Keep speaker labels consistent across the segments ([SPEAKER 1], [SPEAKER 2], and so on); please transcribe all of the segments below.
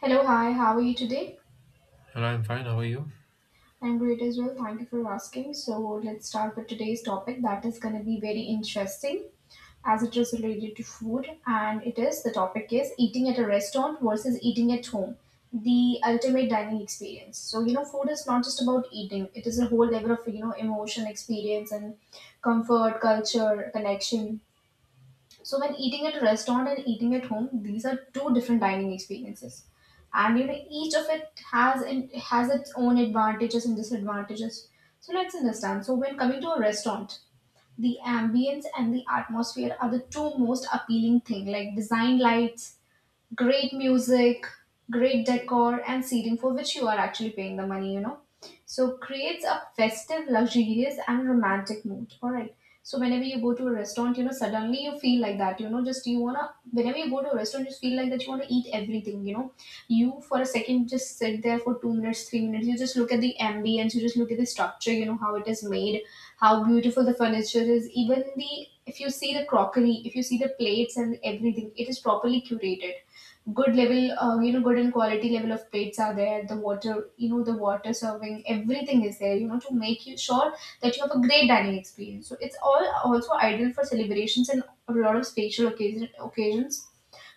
[SPEAKER 1] Hello, hi, how are you today?
[SPEAKER 2] Hello, I'm fine. How are you?
[SPEAKER 1] I'm great as well. Thank you for asking. So, let's start with today's topic that is going to be very interesting as it is related to food. And it is the topic is eating at a restaurant versus eating at home, the ultimate dining experience. So, food is not just about eating, it is a whole level of, emotion, experience, and comfort, culture, connection. So when eating at a restaurant and eating at home, these are two different dining experiences. And you know, each of it has its own advantages and disadvantages. So let's understand. So when coming to a restaurant, the ambience and the atmosphere are the two most appealing thing, like design lights, great music, great decor, and seating for which you are actually paying the money, So creates a festive, luxurious, and romantic mood. All right. So whenever you go to a restaurant, suddenly you feel like that, just you wanna, whenever you go to a restaurant, just feel like that you wanna eat everything, you know. You for a second just sit there for 2 minutes, 3 minutes, you just look at the ambience, you just look at the structure, you know, how it is made, how beautiful the furniture is, even the if you see the crockery, if you see the plates and everything, it is properly curated good level you know good and quality level of plates are there, the water, you know, the water serving everything is there, you know, to make you sure that you have a great dining experience. So it's all also ideal for celebrations and a lot of special occasion, occasions.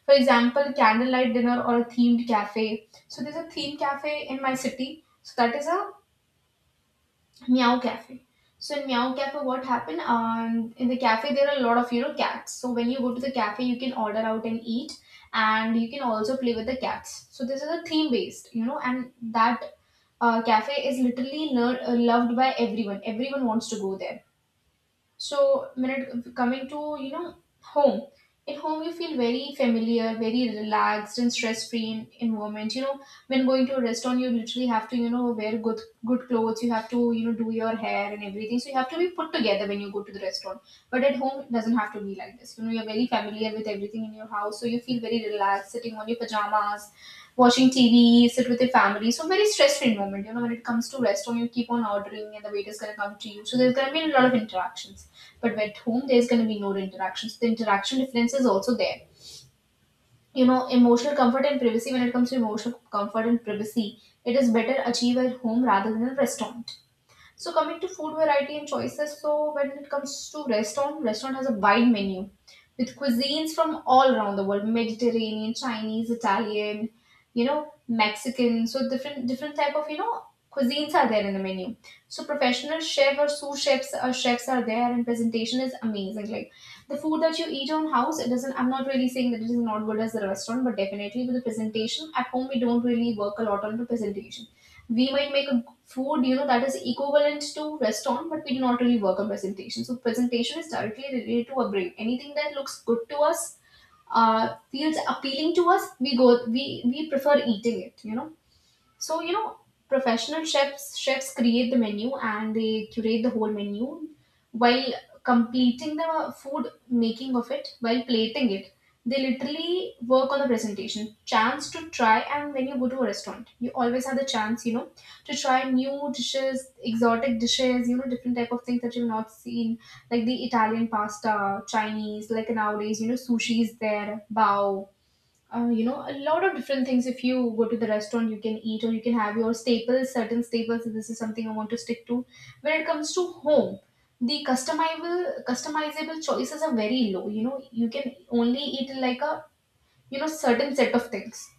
[SPEAKER 1] For example, candlelight dinner or a themed cafe. So there's a themed cafe in my city, so that is a Meow Cafe. So in Meow Cafe, what happened? In the cafe, there are a lot of you know cats. So when you go to the cafe, you can order out and eat, and you can also play with the cats. So this is a theme based, you know, and that cafe is literally loved by everyone. Everyone wants to go there. So when it coming to you know home, at home you feel very familiar, very relaxed and stress free in environment. You know, when going to a restaurant, you literally have to you know wear good clothes. You have to you know do your hair and everything. So you have to be put together when you go to the restaurant. But at home it doesn't have to be like this. You know you're very familiar with everything in your house, so you feel very relaxed sitting on your pajamas watching TV, sit with your family. So very stress-free moment. You know, when it comes to restaurant, you keep on ordering and the waiter's gonna come to you. So there's gonna be a lot of interactions. But at home, there's gonna be no interactions. The interaction difference is also there. You know, emotional comfort and privacy. When it comes to emotional comfort and privacy, it is better achieved at home rather than a restaurant. So coming to food variety and choices, so when it comes to restaurant, restaurant has a wide menu with cuisines from all around the world, Mediterranean, Chinese, Italian, you know, Mexican. So different type of, you know, cuisines are there in the menu. So professional chef or sous chefs or chefs are there and presentation is amazing. Like the food that you eat on house, it doesn't, I'm not really saying that it is not good as a restaurant, but definitely with the presentation at home we don't really work a lot on the presentation. We might make a food you know that is equivalent to restaurant, but we do not really work on presentation. So presentation is directly related to our brain. Anything that looks good to us, feels appealing to us, we go, we prefer eating it, you know. So you know, professional chefs create the menu and they curate the whole menu while completing the food making of it, while plating it. They literally work on the presentation. Chance to try, and when you go to a restaurant, you always have the chance, you know, to try new dishes, exotic dishes, you know, different type of things that you've not seen, like the Italian pasta, Chinese, like nowadays, you know, sushi is there, bao, you know, a lot of different things. If you go to the restaurant, you can eat or you can have your staples, certain staples. This is something I want to stick to. When it comes to home, the customizable choices are very low. You know, you can only eat like a you know certain set of things.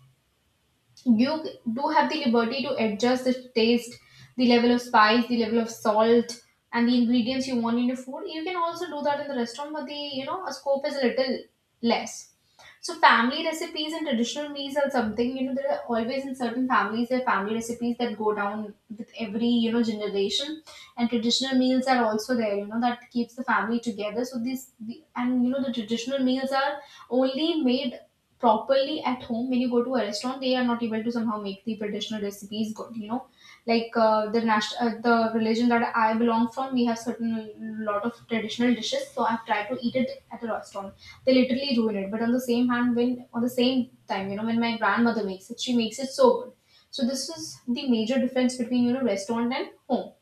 [SPEAKER 1] You do have the liberty to adjust the taste, the level of spice, the level of salt, and the ingredients you want in your food. You can also do that in the restaurant, but the you know a scope is a little less. So family recipes and traditional meals are something, you know, there are always in certain families, there are family recipes that go down with every, you know, generation. And traditional meals are also there, you know, that keeps the family together. So these, the, and you know, the traditional meals are only made properly at home. When you go to a restaurant, they are not able to somehow make the traditional recipes good, you know. Like the religion that I belong from, we have certain lot of traditional dishes. So I've tried to eat it at a restaurant, they literally ruin it. But on the same hand, when on the same time, you know, when my grandmother makes it, she makes it so good. So this is the major difference between you know restaurant and home.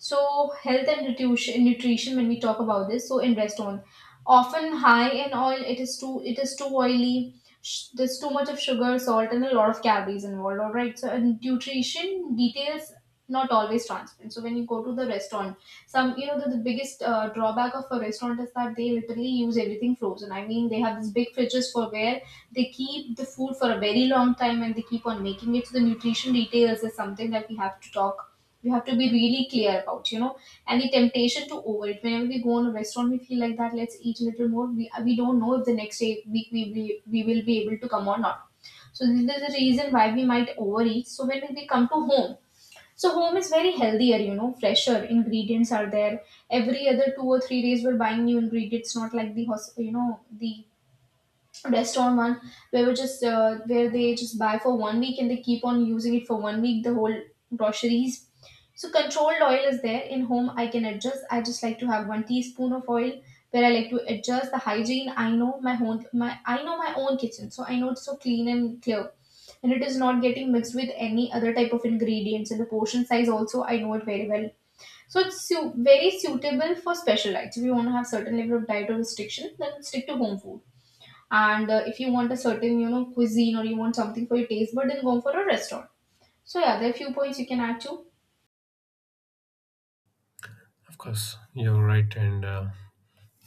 [SPEAKER 1] So, health and nutrition, nutrition when we talk about this, so invest on often high in oil. It is too oily. There's too much of sugar, salt, and a lot of calories involved. All right. So, and nutrition details not always transparent. So, when you go to the restaurant, some you know the biggest drawback of a restaurant is that they literally use everything frozen. I mean, they have these big fridges for where they keep the food for a very long time and they keep on making it. So, the nutrition details is something that we have to talk, you have to be really clear about, you know. And the temptation to overeat, whenever we go on a restaurant we feel like that let's eat a little more, we don't know if the next day week, we we will be able to come or not. So this is the reason why we might overeat. So when we come to home, so home is very healthier, you know, fresher ingredients are there, every other 2 or 3 days we're buying new ingredients, not like the you know the restaurant one where we just where they just buy for 1 week and they keep on using it for 1 week, the whole groceries. So controlled oil is there in home. I can adjust, I just like to have one teaspoon of oil. Where I like to adjust the hygiene, I know my own my I know my own kitchen, so I know it's so clean and clear and it is not getting mixed with any other type of ingredients. And the portion size also I know it very well. So it's very suitable for special diets. If you want to have certain level of diet or restriction, then stick to home food. And if you want a certain you know cuisine or you want something for your taste, but then go for a restaurant. So yeah, there are few points you can add to.
[SPEAKER 2] Of course, you're right, and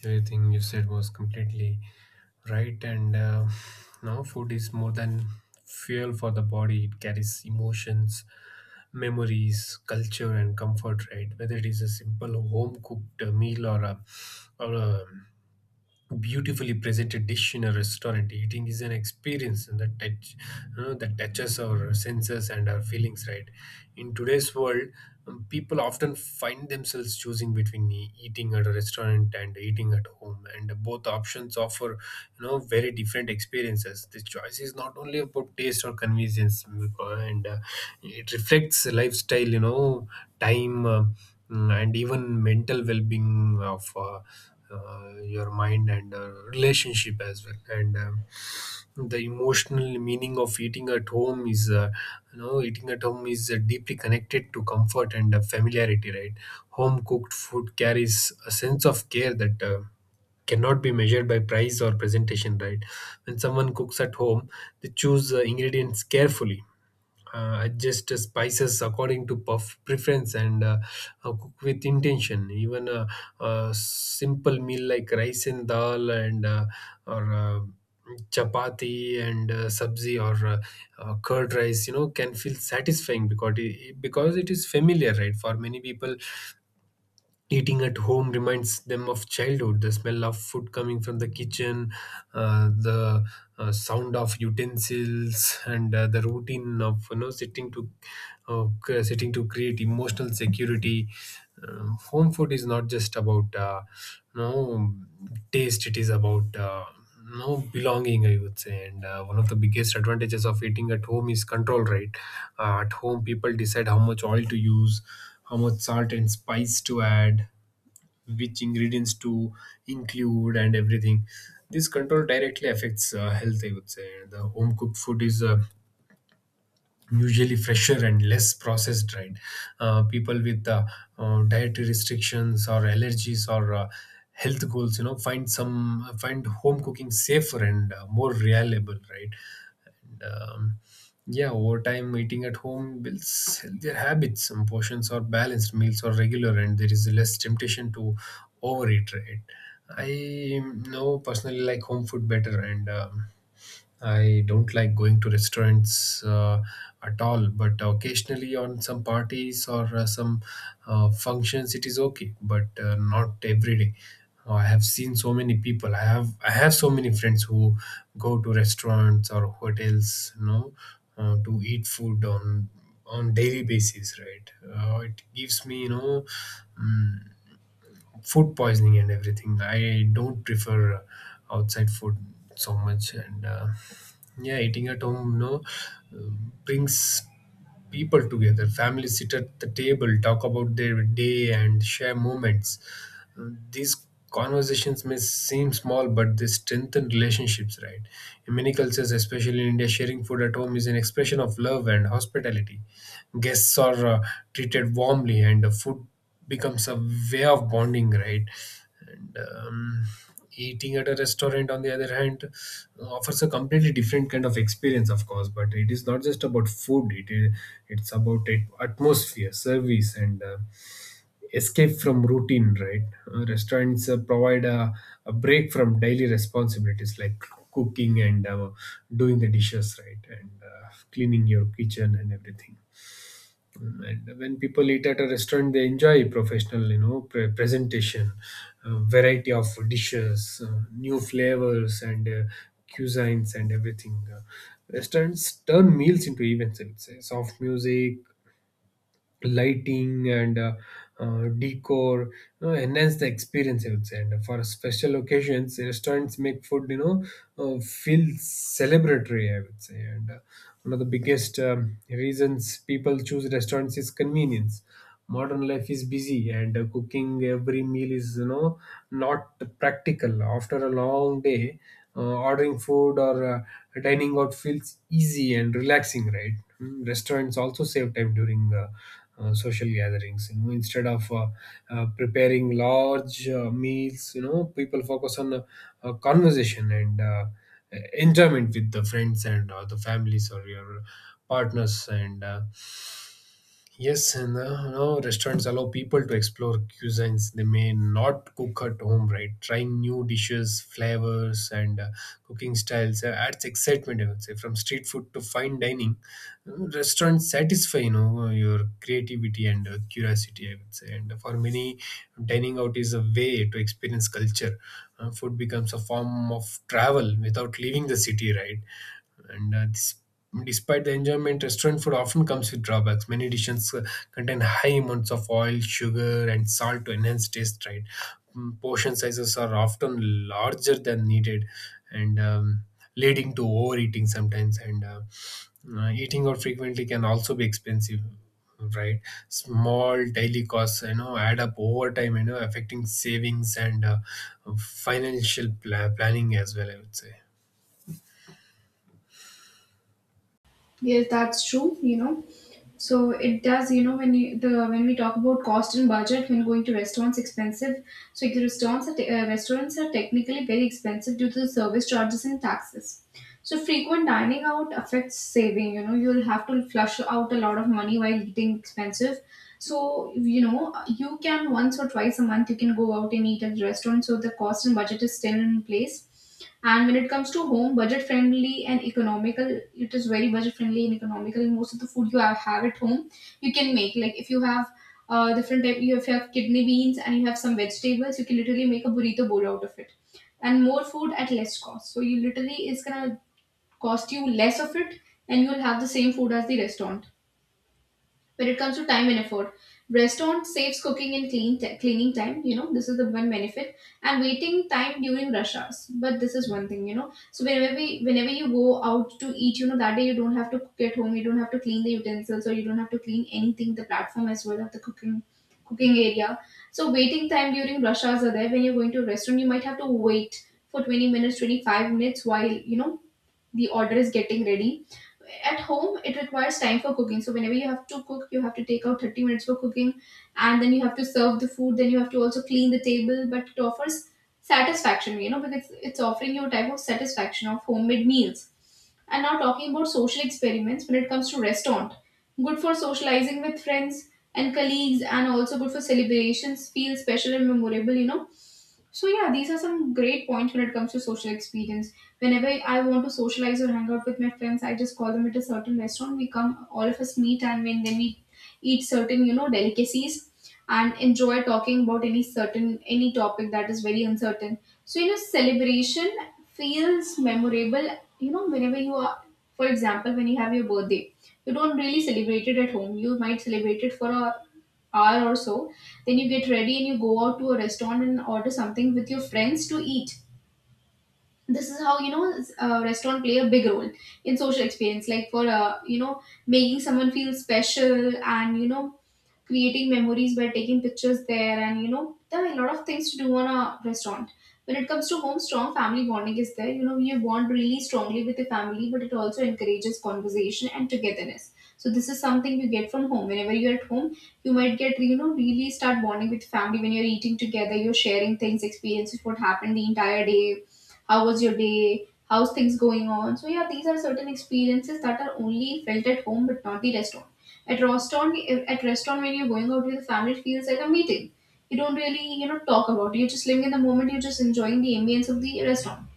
[SPEAKER 2] everything you said was completely right. And now, food is more than fuel for the body. It carries emotions, memories, culture, and comfort, right? Whether it is a simple home cooked meal, or a beautifully presented dish in a restaurant, eating is an experience, and that touches our senses and our feelings, right? In today's world, people often find themselves choosing between eating at a restaurant and eating at home, and both options offer very different experiences. This choice is not only about taste or convenience, and it reflects lifestyle, time, and even mental well-being of your mind and relationship as well. And um, the emotional meaning of eating at home is you know eating at home is deeply connected to comfort and familiarity, right? Home cooked food carries a sense of care that cannot be measured by price or presentation, right? When someone cooks at home, they choose ingredients carefully, adjust the spices according to puff preference, and cook with intention. Even a simple meal like rice and dal, and or chapati and sabzi, or curd rice, can feel satisfying because it is familiar, right? For many people, eating at home reminds them of childhood: the smell of food coming from the kitchen, the sound of utensils, and the routine of sitting to sitting to create emotional security. Home food is not just about you know taste; it is about, no belonging, I would say. And one of the biggest advantages of eating at home is control, right? At home, people decide how much oil to use, how much salt and spice to add, which ingredients to include, and everything. This control directly affects health, I would say. The home cooked food is usually fresher and less processed, right? People with dietary restrictions or allergies or health goals, find home cooking safer and more reliable, right? And yeah, over time, eating at home builds healthier habits. Some portions are balanced, meals are regular, and there is less temptation to overeat, right? I know personally like home food better, and I don't like going to restaurants at all, but occasionally on some parties or some functions, it is okay, but not every day. I have seen so many people. I have so many friends who go to restaurants or hotels, to eat food on daily basis, right? It gives me, mm food poisoning and everything. I don't prefer outside food so much, and yeah, eating at home, no, brings people together. Families sit at the table, talk about their day, and share moments. These conversations may seem small, but they strengthen relationships, right? In many cultures, especially in India, sharing food at home is an expression of love and hospitality. Guests are treated warmly, and the food becomes a way of bonding, right? And Eating at a restaurant, on the other hand, offers a completely different kind of experience, of course. But it is not just about food; it's about atmosphere, service, and escape from routine, right? Restaurants provide a break from daily responsibilities like cooking and doing the dishes, right, and cleaning your kitchen and everything. And when people eat at a restaurant, they enjoy professional, presentation, variety of dishes, new flavors, and cuisines and everything. Restaurants turn meals into events, I would say. Soft music, lighting, and decor, enhance the experience, I would say. And for special occasions, restaurants make food, feel celebratory, I would say. And One of the biggest reasons people choose restaurants is convenience. Modern life is busy, and cooking every meal is, not practical after a long day. Ordering food or dining out feels easy and relaxing, right? Restaurants also save time during social gatherings. Instead of preparing large meals, people focus on conversation and enjoyment with the friends and or the families or your partners. And Yes, and now restaurants allow people to explore cuisines they may not cook at home, right? Trying new dishes, flavors, and cooking styles adds excitement, I would say. From street food to fine dining, restaurants satisfy, your creativity and curiosity, I would say. And for many, dining out is a way to experience culture. Food becomes a form of travel without leaving the city, right? And uh, dis- Despite the enjoyment, restaurant food often comes with drawbacks. Many dishes contain high amounts of oil, sugar, and salt to enhance taste, right. Portion sizes are often larger than needed, and leading to overeating sometimes. And Eating out frequently can also be expensive, right. Small daily costs, add up over time, affecting savings and financial planning as well, I would say.
[SPEAKER 1] Yes, that's true, you know. So it does, you know, when you the when we talk about cost and budget when going to restaurants, expensive. So the restaurants are restaurants are technically very expensive due to the service charges and taxes. So frequent dining out affects saving. You know, you'll have to flush out a lot of money while eating expensive. So, you know, you can once or twice a month you can go out and eat at the restaurant. So the cost and budget is still in place. And when it comes to home, budget friendly and economical, it is very budget friendly and economical. Most of the food you have at home, you can make. Like if you have different type, you have kidney beans and you have some vegetables, you can literally make a burrito bowl out of it. And more food at less cost. So you literally it's gonna cost you less of it, and you'll have the same food as the restaurant when it comes to time and effort. Restaurant saves cooking and cleaning time, you know. This is the one benefit, and waiting time during rush hours. But this is one thing, you know. So whenever you go out to eat, you know, that day you don't have to cook at home, you don't have to clean the utensils, or you don't have to clean anything, the platform as well of the cooking area. So waiting time during rush hours are there. When you're going to a restaurant, you might have to wait for 20 minutes, 25 minutes, while you know the order is getting ready. At home, it requires time for cooking. So whenever you have to cook, you have to take out 30 minutes for cooking, and then you have to serve the food, then you have to also clean the table, but it offers satisfaction, you know, because it's offering you a type of satisfaction of homemade meals. And now talking about social experiments when it comes to restaurant. Good for socializing with friends and colleagues, and also good for celebrations, feel special and memorable, you know. So yeah, these are some great points when it comes to social experience. Whenever I want to socialize or hang out with my friends, I just call them at a certain restaurant. We come, all of us meet, and when then we eat certain, you know, delicacies and enjoy talking about any topic that is very uncertain. So you know, celebration feels memorable. You know, whenever you are, for example, when you have your birthday, you don't really celebrate it at home. You might celebrate it for a hour or so. Then you get ready and you go out to a restaurant and order something with your friends to eat. This is how you know restaurant play a big role in social experience, like for, you know, making someone feel special, and you know, creating memories by taking pictures there. And you know, there are a lot of things to do on a restaurant. When it comes to home, strong family bonding is there. You know, you bond really strongly with the family, but it also encourages conversation and togetherness. So this is something you get from home. Whenever you're at home, you might get, you know, really start bonding with family when you're eating together. You're sharing things, experiences, what happened the entire day, how was your day, how's things going on. So yeah, these are certain experiences that are only felt at home but not the restaurant. At restaurant, if- At restaurant, when you're going out with the family, it feels like a meeting. You don't really, you know, talk about it. You're just living in the moment. You're just enjoying the ambience of the restaurant.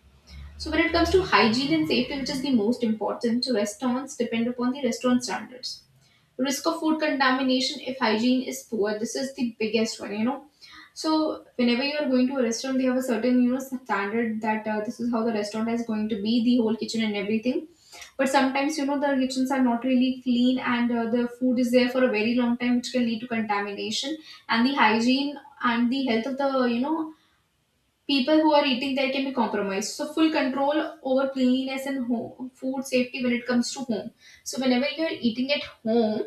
[SPEAKER 1] So when it comes to hygiene and safety, which is the most important, restaurants depend upon the restaurant standards. Risk of food contamination if hygiene is poor. This is the biggest one, you know. So whenever you are going to a restaurant, they have a certain, you know, standard that, this is how the restaurant is going to be, the whole kitchen and everything. But sometimes, you know, the kitchens are not really clean, and the food is there for a very long time, which can lead to contamination. And the hygiene and the health of the, you know, people who are eating there can be compromised. So, full control over cleanliness and home, food safety when it comes to home. So, whenever you're eating at home,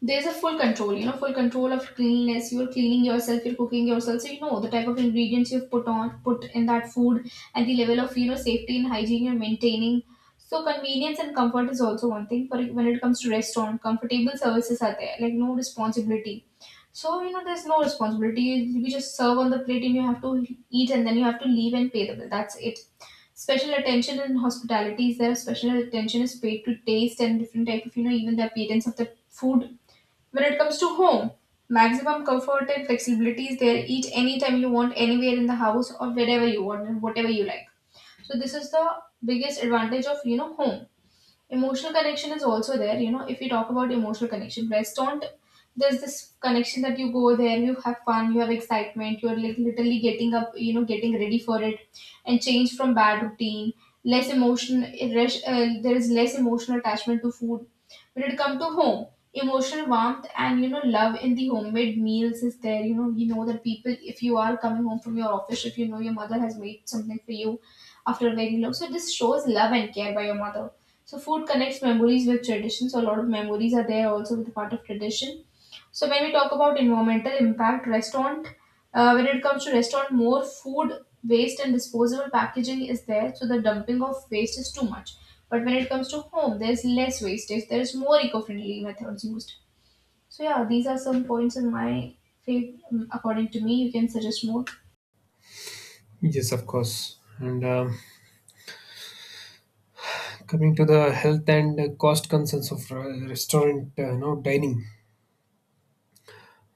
[SPEAKER 1] there's a full control, you know, full control of cleanliness. You're cleaning yourself, you're cooking yourself, so you know the type of ingredients you've put in that food, and the level of, you know, safety and hygiene you're maintaining. So convenience and comfort is also one thing. But when it comes to restaurant, comfortable services are there, like no responsibility. So you know, there's no responsibility. You just serve on the plate, and you have to eat, and then you have to leave and pay the bill, that's it. Special attention in hospitality is there. Special attention is paid to taste and different type of, you know, even the appearance of the food. When it comes to home, maximum comfort and flexibility is there. Eat anytime you want, anywhere in the house, or wherever you want and whatever you like. So this is the biggest advantage of, you know, home. Emotional connection is also there. You know, if we talk about emotional connection, restaurant, there's this connection that you go there, you have fun, you have excitement, you're like literally getting up, you know, getting ready for it, and change from bad routine. Less emotion, there is less emotional attachment to food. When it comes to home, emotional warmth, and you know, love in the homemade meals is there. You know, you know that people, if you are coming home from your office, if you know your mother has made something for you after a very long, so this shows love and care by your mother. So food connects memories with tradition. So a lot of memories are there also with the part of tradition. So when we talk about environmental impact, restaurant, when it comes to restaurant, more food waste and disposable packaging is there. So the dumping of waste is too much. But when it comes to home, there's less wastage. There is more eco-friendly methods used. So yeah, these are some points in my fav- according to me. You can suggest more.
[SPEAKER 2] Yes, of course. And Coming to the health and cost concerns of restaurant, dining.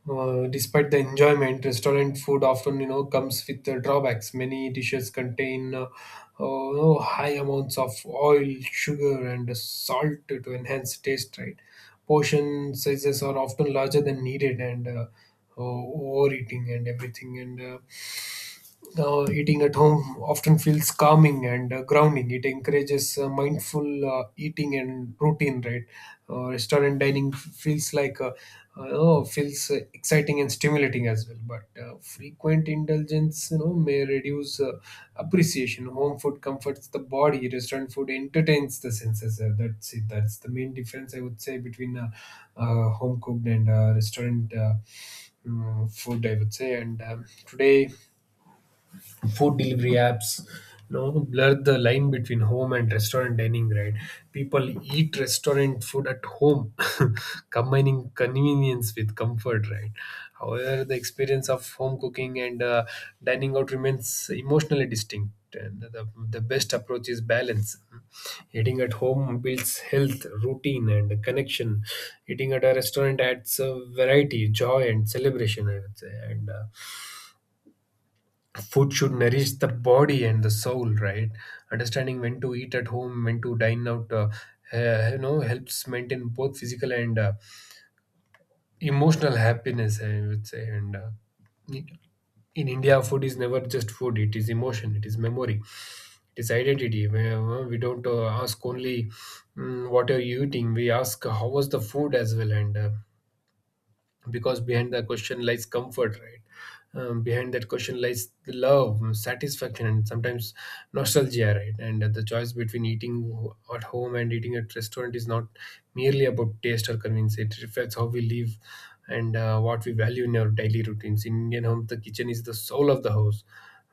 [SPEAKER 2] Despite the enjoyment, restaurant food often, comes with drawbacks. Many dishes contain oh, no, high amounts of oil, sugar, and salt to enhance taste, right. Portion sizes are often larger than needed, and overeating and everything. And Now, eating at home often feels calming and grounding. It encourages mindful eating and routine, right? Restaurant dining feels exciting and stimulating as well. But frequent indulgence, may reduce appreciation. Home food comforts the body. Restaurant food entertains the senses. That's it. That's the main difference, I would say, between home cooked and restaurant food, I would say. And Today, food delivery apps blur the line between home and restaurant dining, right. People eat restaurant food at home, combining convenience with comfort, right. However, the experience of home cooking and dining out remains emotionally distinct, and the best approach is balance. Eating at home builds health, routine, and connection. Eating at a restaurant adds variety, joy, and celebration, I would say. And Food should nourish the body and the soul, right. Understanding when to eat at home, when to dine out, helps maintain both physical and emotional happiness, I would say. And In India, food is never just food. It is emotion, it is memory, it is identity. We don't ask only, what are you eating. We ask how was the food as well. And uh, because behind the question lies comfort, right. Behind that question lies the love, satisfaction, and sometimes nostalgia, right. And the choice between eating at home and eating at restaurant is not merely about taste or convenience. It reflects how we live and what we value in our daily routines. In Indian home, the kitchen is the soul of the house,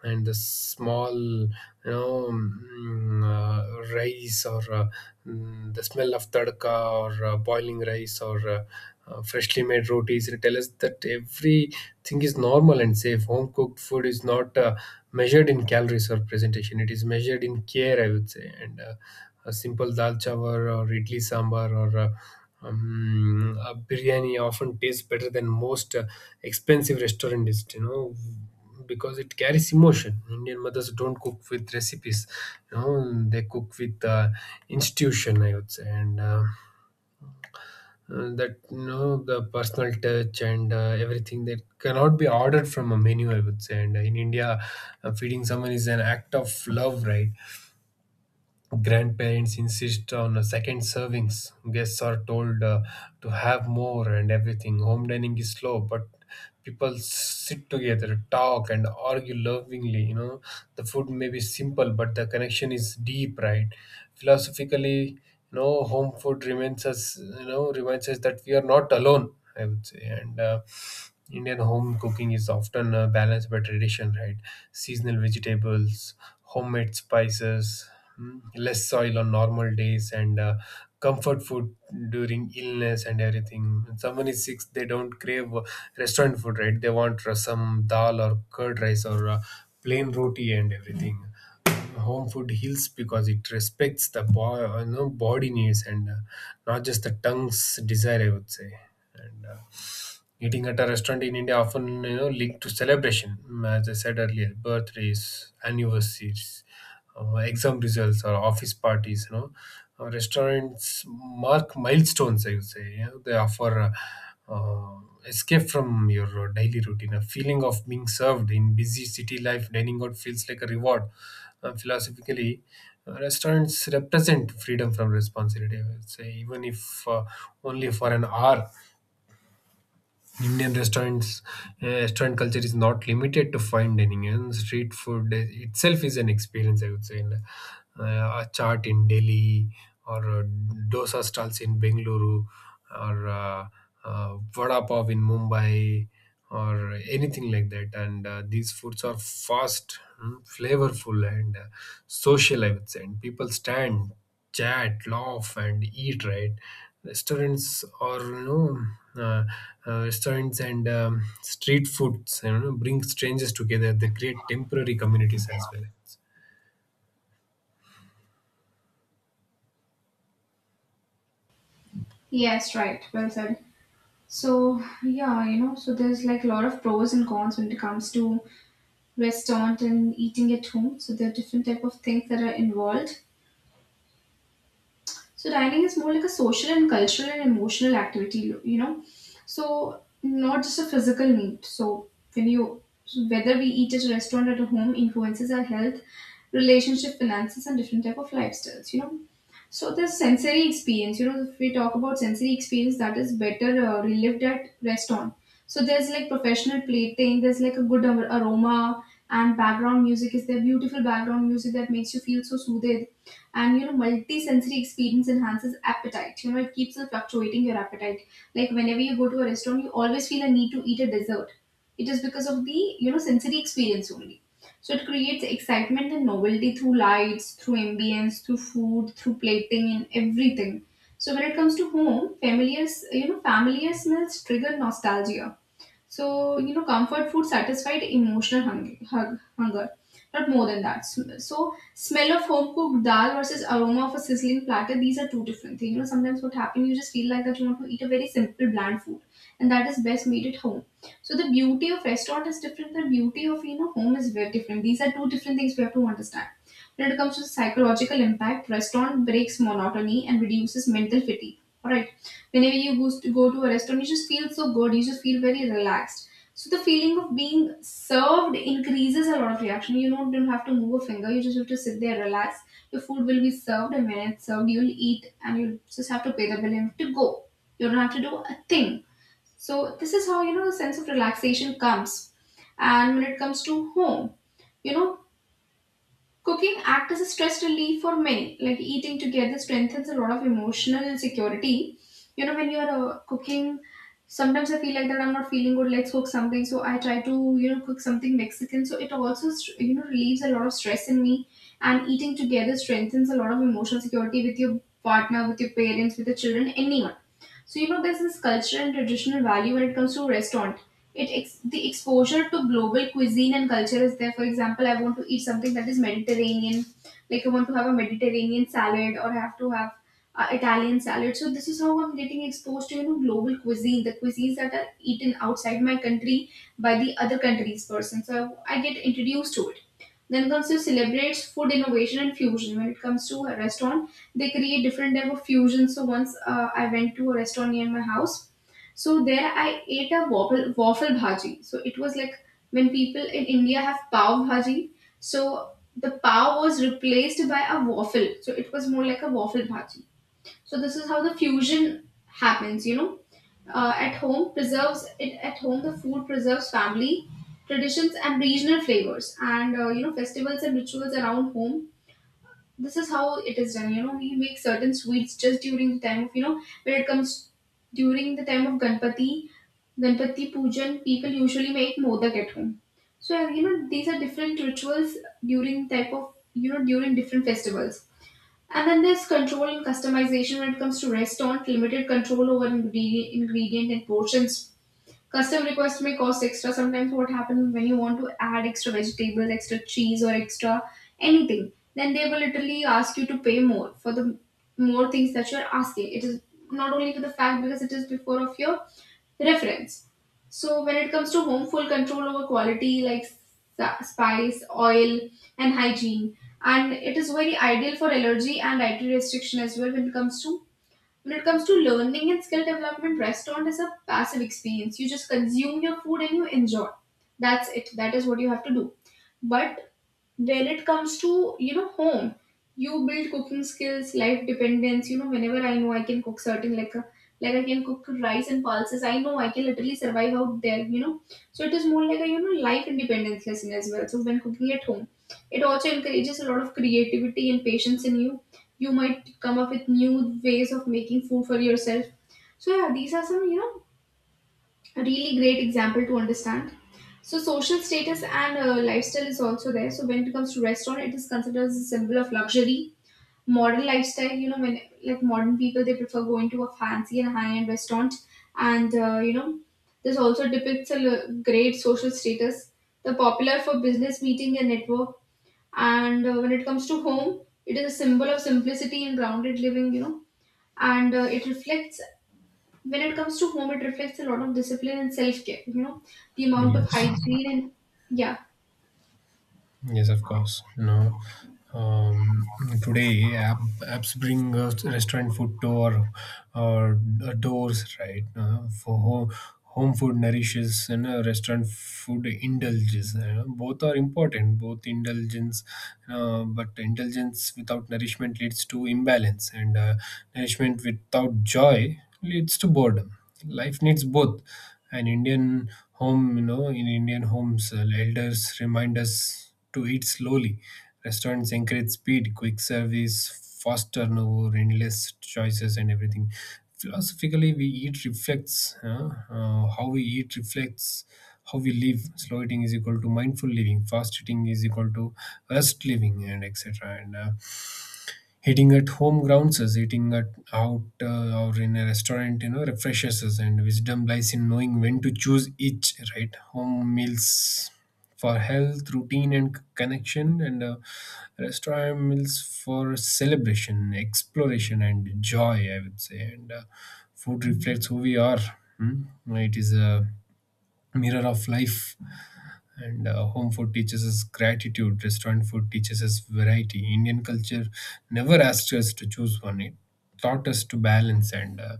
[SPEAKER 2] and the small, rice, or the smell of tadka, or boiling rice, or freshly made rotis. They tell us that everything is normal and safe. Home cooked food is not measured in calories or presentation. It is measured in care, I would say. And A simple dal chawar or idli sambar or a biryani often tastes better than most expensive restaurant is, because it carries emotion. Indian mothers don't cook with recipes, you know, they cook with institution, I would say. And That, the personal touch and everything that cannot be ordered from a menu, I would say. And in India, feeding someone is an act of love, right. Grandparents insist on second servings. Guests are told to have more and everything. Home dining is slow, but people sit together, talk, and argue lovingly. The food may be simple, but the connection is deep, right? Philosophically, home food reminds us, that we are not alone, I would say. And Indian home cooking is often balanced by tradition, right. Seasonal vegetables, homemade spices, less soil on normal days and comfort food during illness and everything. When someone is sick they don't crave restaurant food, right? They want some dal or curd rice or plain roti and everything. Home food heals because it respects the you know, body needs and not just the tongue's desire, I would say. And Eating at a restaurant in India often, you know, linked to celebration, mm, as I said earlier, birthdays, anniversaries, exam results, or office parties. Restaurants mark milestones, I would say. You know, they offer uh, escape from your daily routine, a feeling of being served in busy city life. Dining out feels like a reward. Philosophically, restaurants represent freedom from responsibility, I would say, even if uh, only for an hour. Indian restaurants Restaurant culture is not limited to fine dining, and street food itself is an experience, I would say. Uh, a chaat in Delhi or dosa stalls in Bengaluru or vada pav in Mumbai or anything like that. And These foods are fast, flavorful and social, I would say, and people stand, chat, laugh, and eat. Right, restaurants or uh, restaurants and street foods, you know, bring strangers together. They create temporary communities as well.
[SPEAKER 1] Yes, right. Well said. So yeah, you know, so there's like a lot of pros and cons when it comes to restaurant and eating at home. So there are different type of things that are involved. So dining is more like a social and cultural and emotional activity, you know. So not just a physical need. So when you so whether we eat at a restaurant or at home influences our health, relationship, finances, and different type of lifestyles, you know. So the sensory experience, you know, if we talk about sensory experience, that is better, relived at restaurant. So there's like professional plating, there's like a good aroma and background music. Is there beautiful background music that makes you feel so soothed? And you know, multi-sensory experience enhances appetite. You know, it keeps you fluctuating your appetite. Like whenever you go to a restaurant, you always feel a need to eat a dessert. It is because of the, you know, sensory experience only. So it creates excitement and novelty through lights, through ambience, through food, through plating, and everything. So when it comes to home, familiar, you know, familiar smells trigger nostalgia. So, you know, comfort food satisfied emotional hunger, hunger, not more than that. So, smell of home cooked dal versus aroma of a sizzling platter, these are two different things. You know, sometimes what happens, you just feel like that you want to eat a very simple, bland food, and that is best made at home. So, the beauty of restaurant is different, the beauty of, you know, home is very different. These are two different things we have to understand. When it comes to psychological impact, restaurant breaks monotony and reduces mental fatigue. Alright. Whenever you goes to go to a restaurant, you just feel so good, you just feel very relaxed. So the feeling of being served increases a lot of reaction. You don't have to move a finger, you just have to sit there, relax. Your food will be served, and when it's served, you'll eat, and you'll just have to pay the bill and have to go. You don't have to do a thing. So this is how you know the sense of relaxation comes. And when it comes to home, you know, cooking acts as a stress relief for many. Like eating together strengthens a lot of emotional security. You know, when you're, cooking, sometimes I feel like that I'm not feeling good. Let's cook something. So I try to, you know, cook something Mexican. So it also, you know, relieves a lot of stress in me. And eating together strengthens a lot of emotional security with your partner, with your parents, with your children, anyone. So you know, there's this cultural and traditional value when it comes to restaurant. The exposure to global cuisine and culture is there. For example, I want to eat something that is Mediterranean, like I want to have a Mediterranean salad or have Italian salad. So this is how I'm getting exposed to, you know, global cuisine, the cuisines that are eaten outside my country by the other country's person. So I get introduced to it. Then comes to celebrates food innovation and fusion. When it comes to a restaurant, they create different type of fusions. So once, I went to a restaurant near my house, so there I ate a waffle bhaji. So it was like, when people in India have pav bhaji, so the pav was replaced by a waffle. So it was more like a waffle bhaji. So this is how the fusion happens. You know, at home preserves it. At home, the food preserves family traditions and regional flavors, and you know, festivals and rituals around home, this is how it is done. You know, we make certain sweets just during the time of, you know, when it comes during the time of ganpati. Ganpati pujan, people usually make modak at home. So you know, these are different rituals during type of, you know, during different festivals. And then there's control and customization. When it comes to restaurant, limited control over ingredient and portions. Custom request may cost extra. Sometimes what happens when you want to add extra vegetables, extra cheese, or extra anything, then they will literally ask you to pay more for the more things that you're asking. It is not only for the fact because it is before of your reference. So when it comes to home, full control over quality, like spice, oil, and hygiene, and it is very ideal for allergy and dietary restriction as well. When it comes to, learning and skill development, restaurant is a passive experience. You just consume your food and you enjoy. That's it. That is what you have to do. But when it comes to, you know, home, you build cooking skills, life dependence. You know, whenever I know I can cook certain like I can cook rice and pulses, I know I can literally survive out there, you know. So it is more like a, you know, life independence lesson as well. So when cooking at home, it also encourages a lot of creativity and patience in you. You might come up with new ways of making food for yourself. So yeah, these are some, you know, a really great example to understand. So social status and, lifestyle is also there. So when it comes to restaurant, it is considered as a symbol of luxury. Modern lifestyle, you know, when like modern people, they prefer going to a fancy and high-end restaurant, and you know, this also depicts a great social status. The popular for business meeting and network, and when it comes to home, it is a symbol of simplicity and grounded living. You know, and it reflects, when it comes to home, it reflects a lot of discipline and self-care. You know, the amount of
[SPEAKER 2] Yes.
[SPEAKER 1] hygiene and yeah,
[SPEAKER 2] Yes, of course. You know, um, today apps bring restaurant food to our doors, right? For home, home food nourishes and restaurant food indulges. Both are important. Both indulgence, but indulgence without nourishment leads to imbalance, and nourishment without joy leads to boredom. Life needs both. An Indian home, you know, in Indian homes, elders remind us to eat slowly. Restaurants encourage speed, quick service, fast turnover, endless choices, and everything. Philosophically, we eat reflects how we eat reflects how we live. Slow eating is equal to mindful living. Fast eating is equal to rest living, and etc. And Eating at home grounds us, eating at out or in a restaurant, you know, refreshes us, and wisdom lies in knowing when to choose each, right? Home meals for health, routine, and connection, and restaurant meals for celebration, exploration, and joy, I would say. And Food reflects who we are. Hmm? It is a mirror of life, and home food teaches us gratitude, restaurant food teaches us variety. Indian culture never asks us to choose one. It taught us to balance, and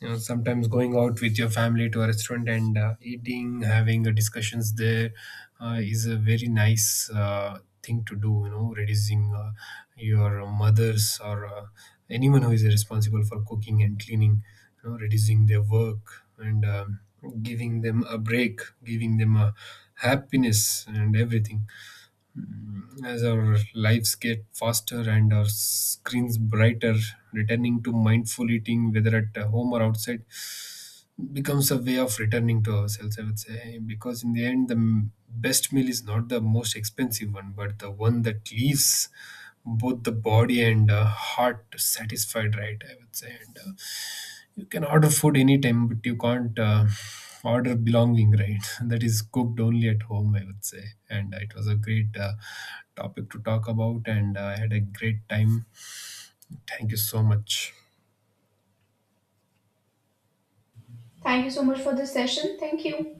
[SPEAKER 2] you know, sometimes going out with your family to a restaurant and eating, having discussions there is a very nice thing to do, you know, reducing your mothers or anyone who is responsible for cooking and cleaning, you know, reducing their work, and giving them a break, giving them a happiness and everything. Mm, as our lives get faster and our screens brighter, returning to mindful eating, whether at home or outside, becomes a way of returning to ourselves, I would say. Because in the end, the best meal is not the most expensive one, but the one that leaves both the body and heart satisfied, right, I would say. And You can order food anytime, but you can't order belonging, right? That is cooked only at home, I would say. And uh, it was a great uh, topic to talk about, and I had a great time. Thank you so much.
[SPEAKER 1] thank you so much for this session. Thank you.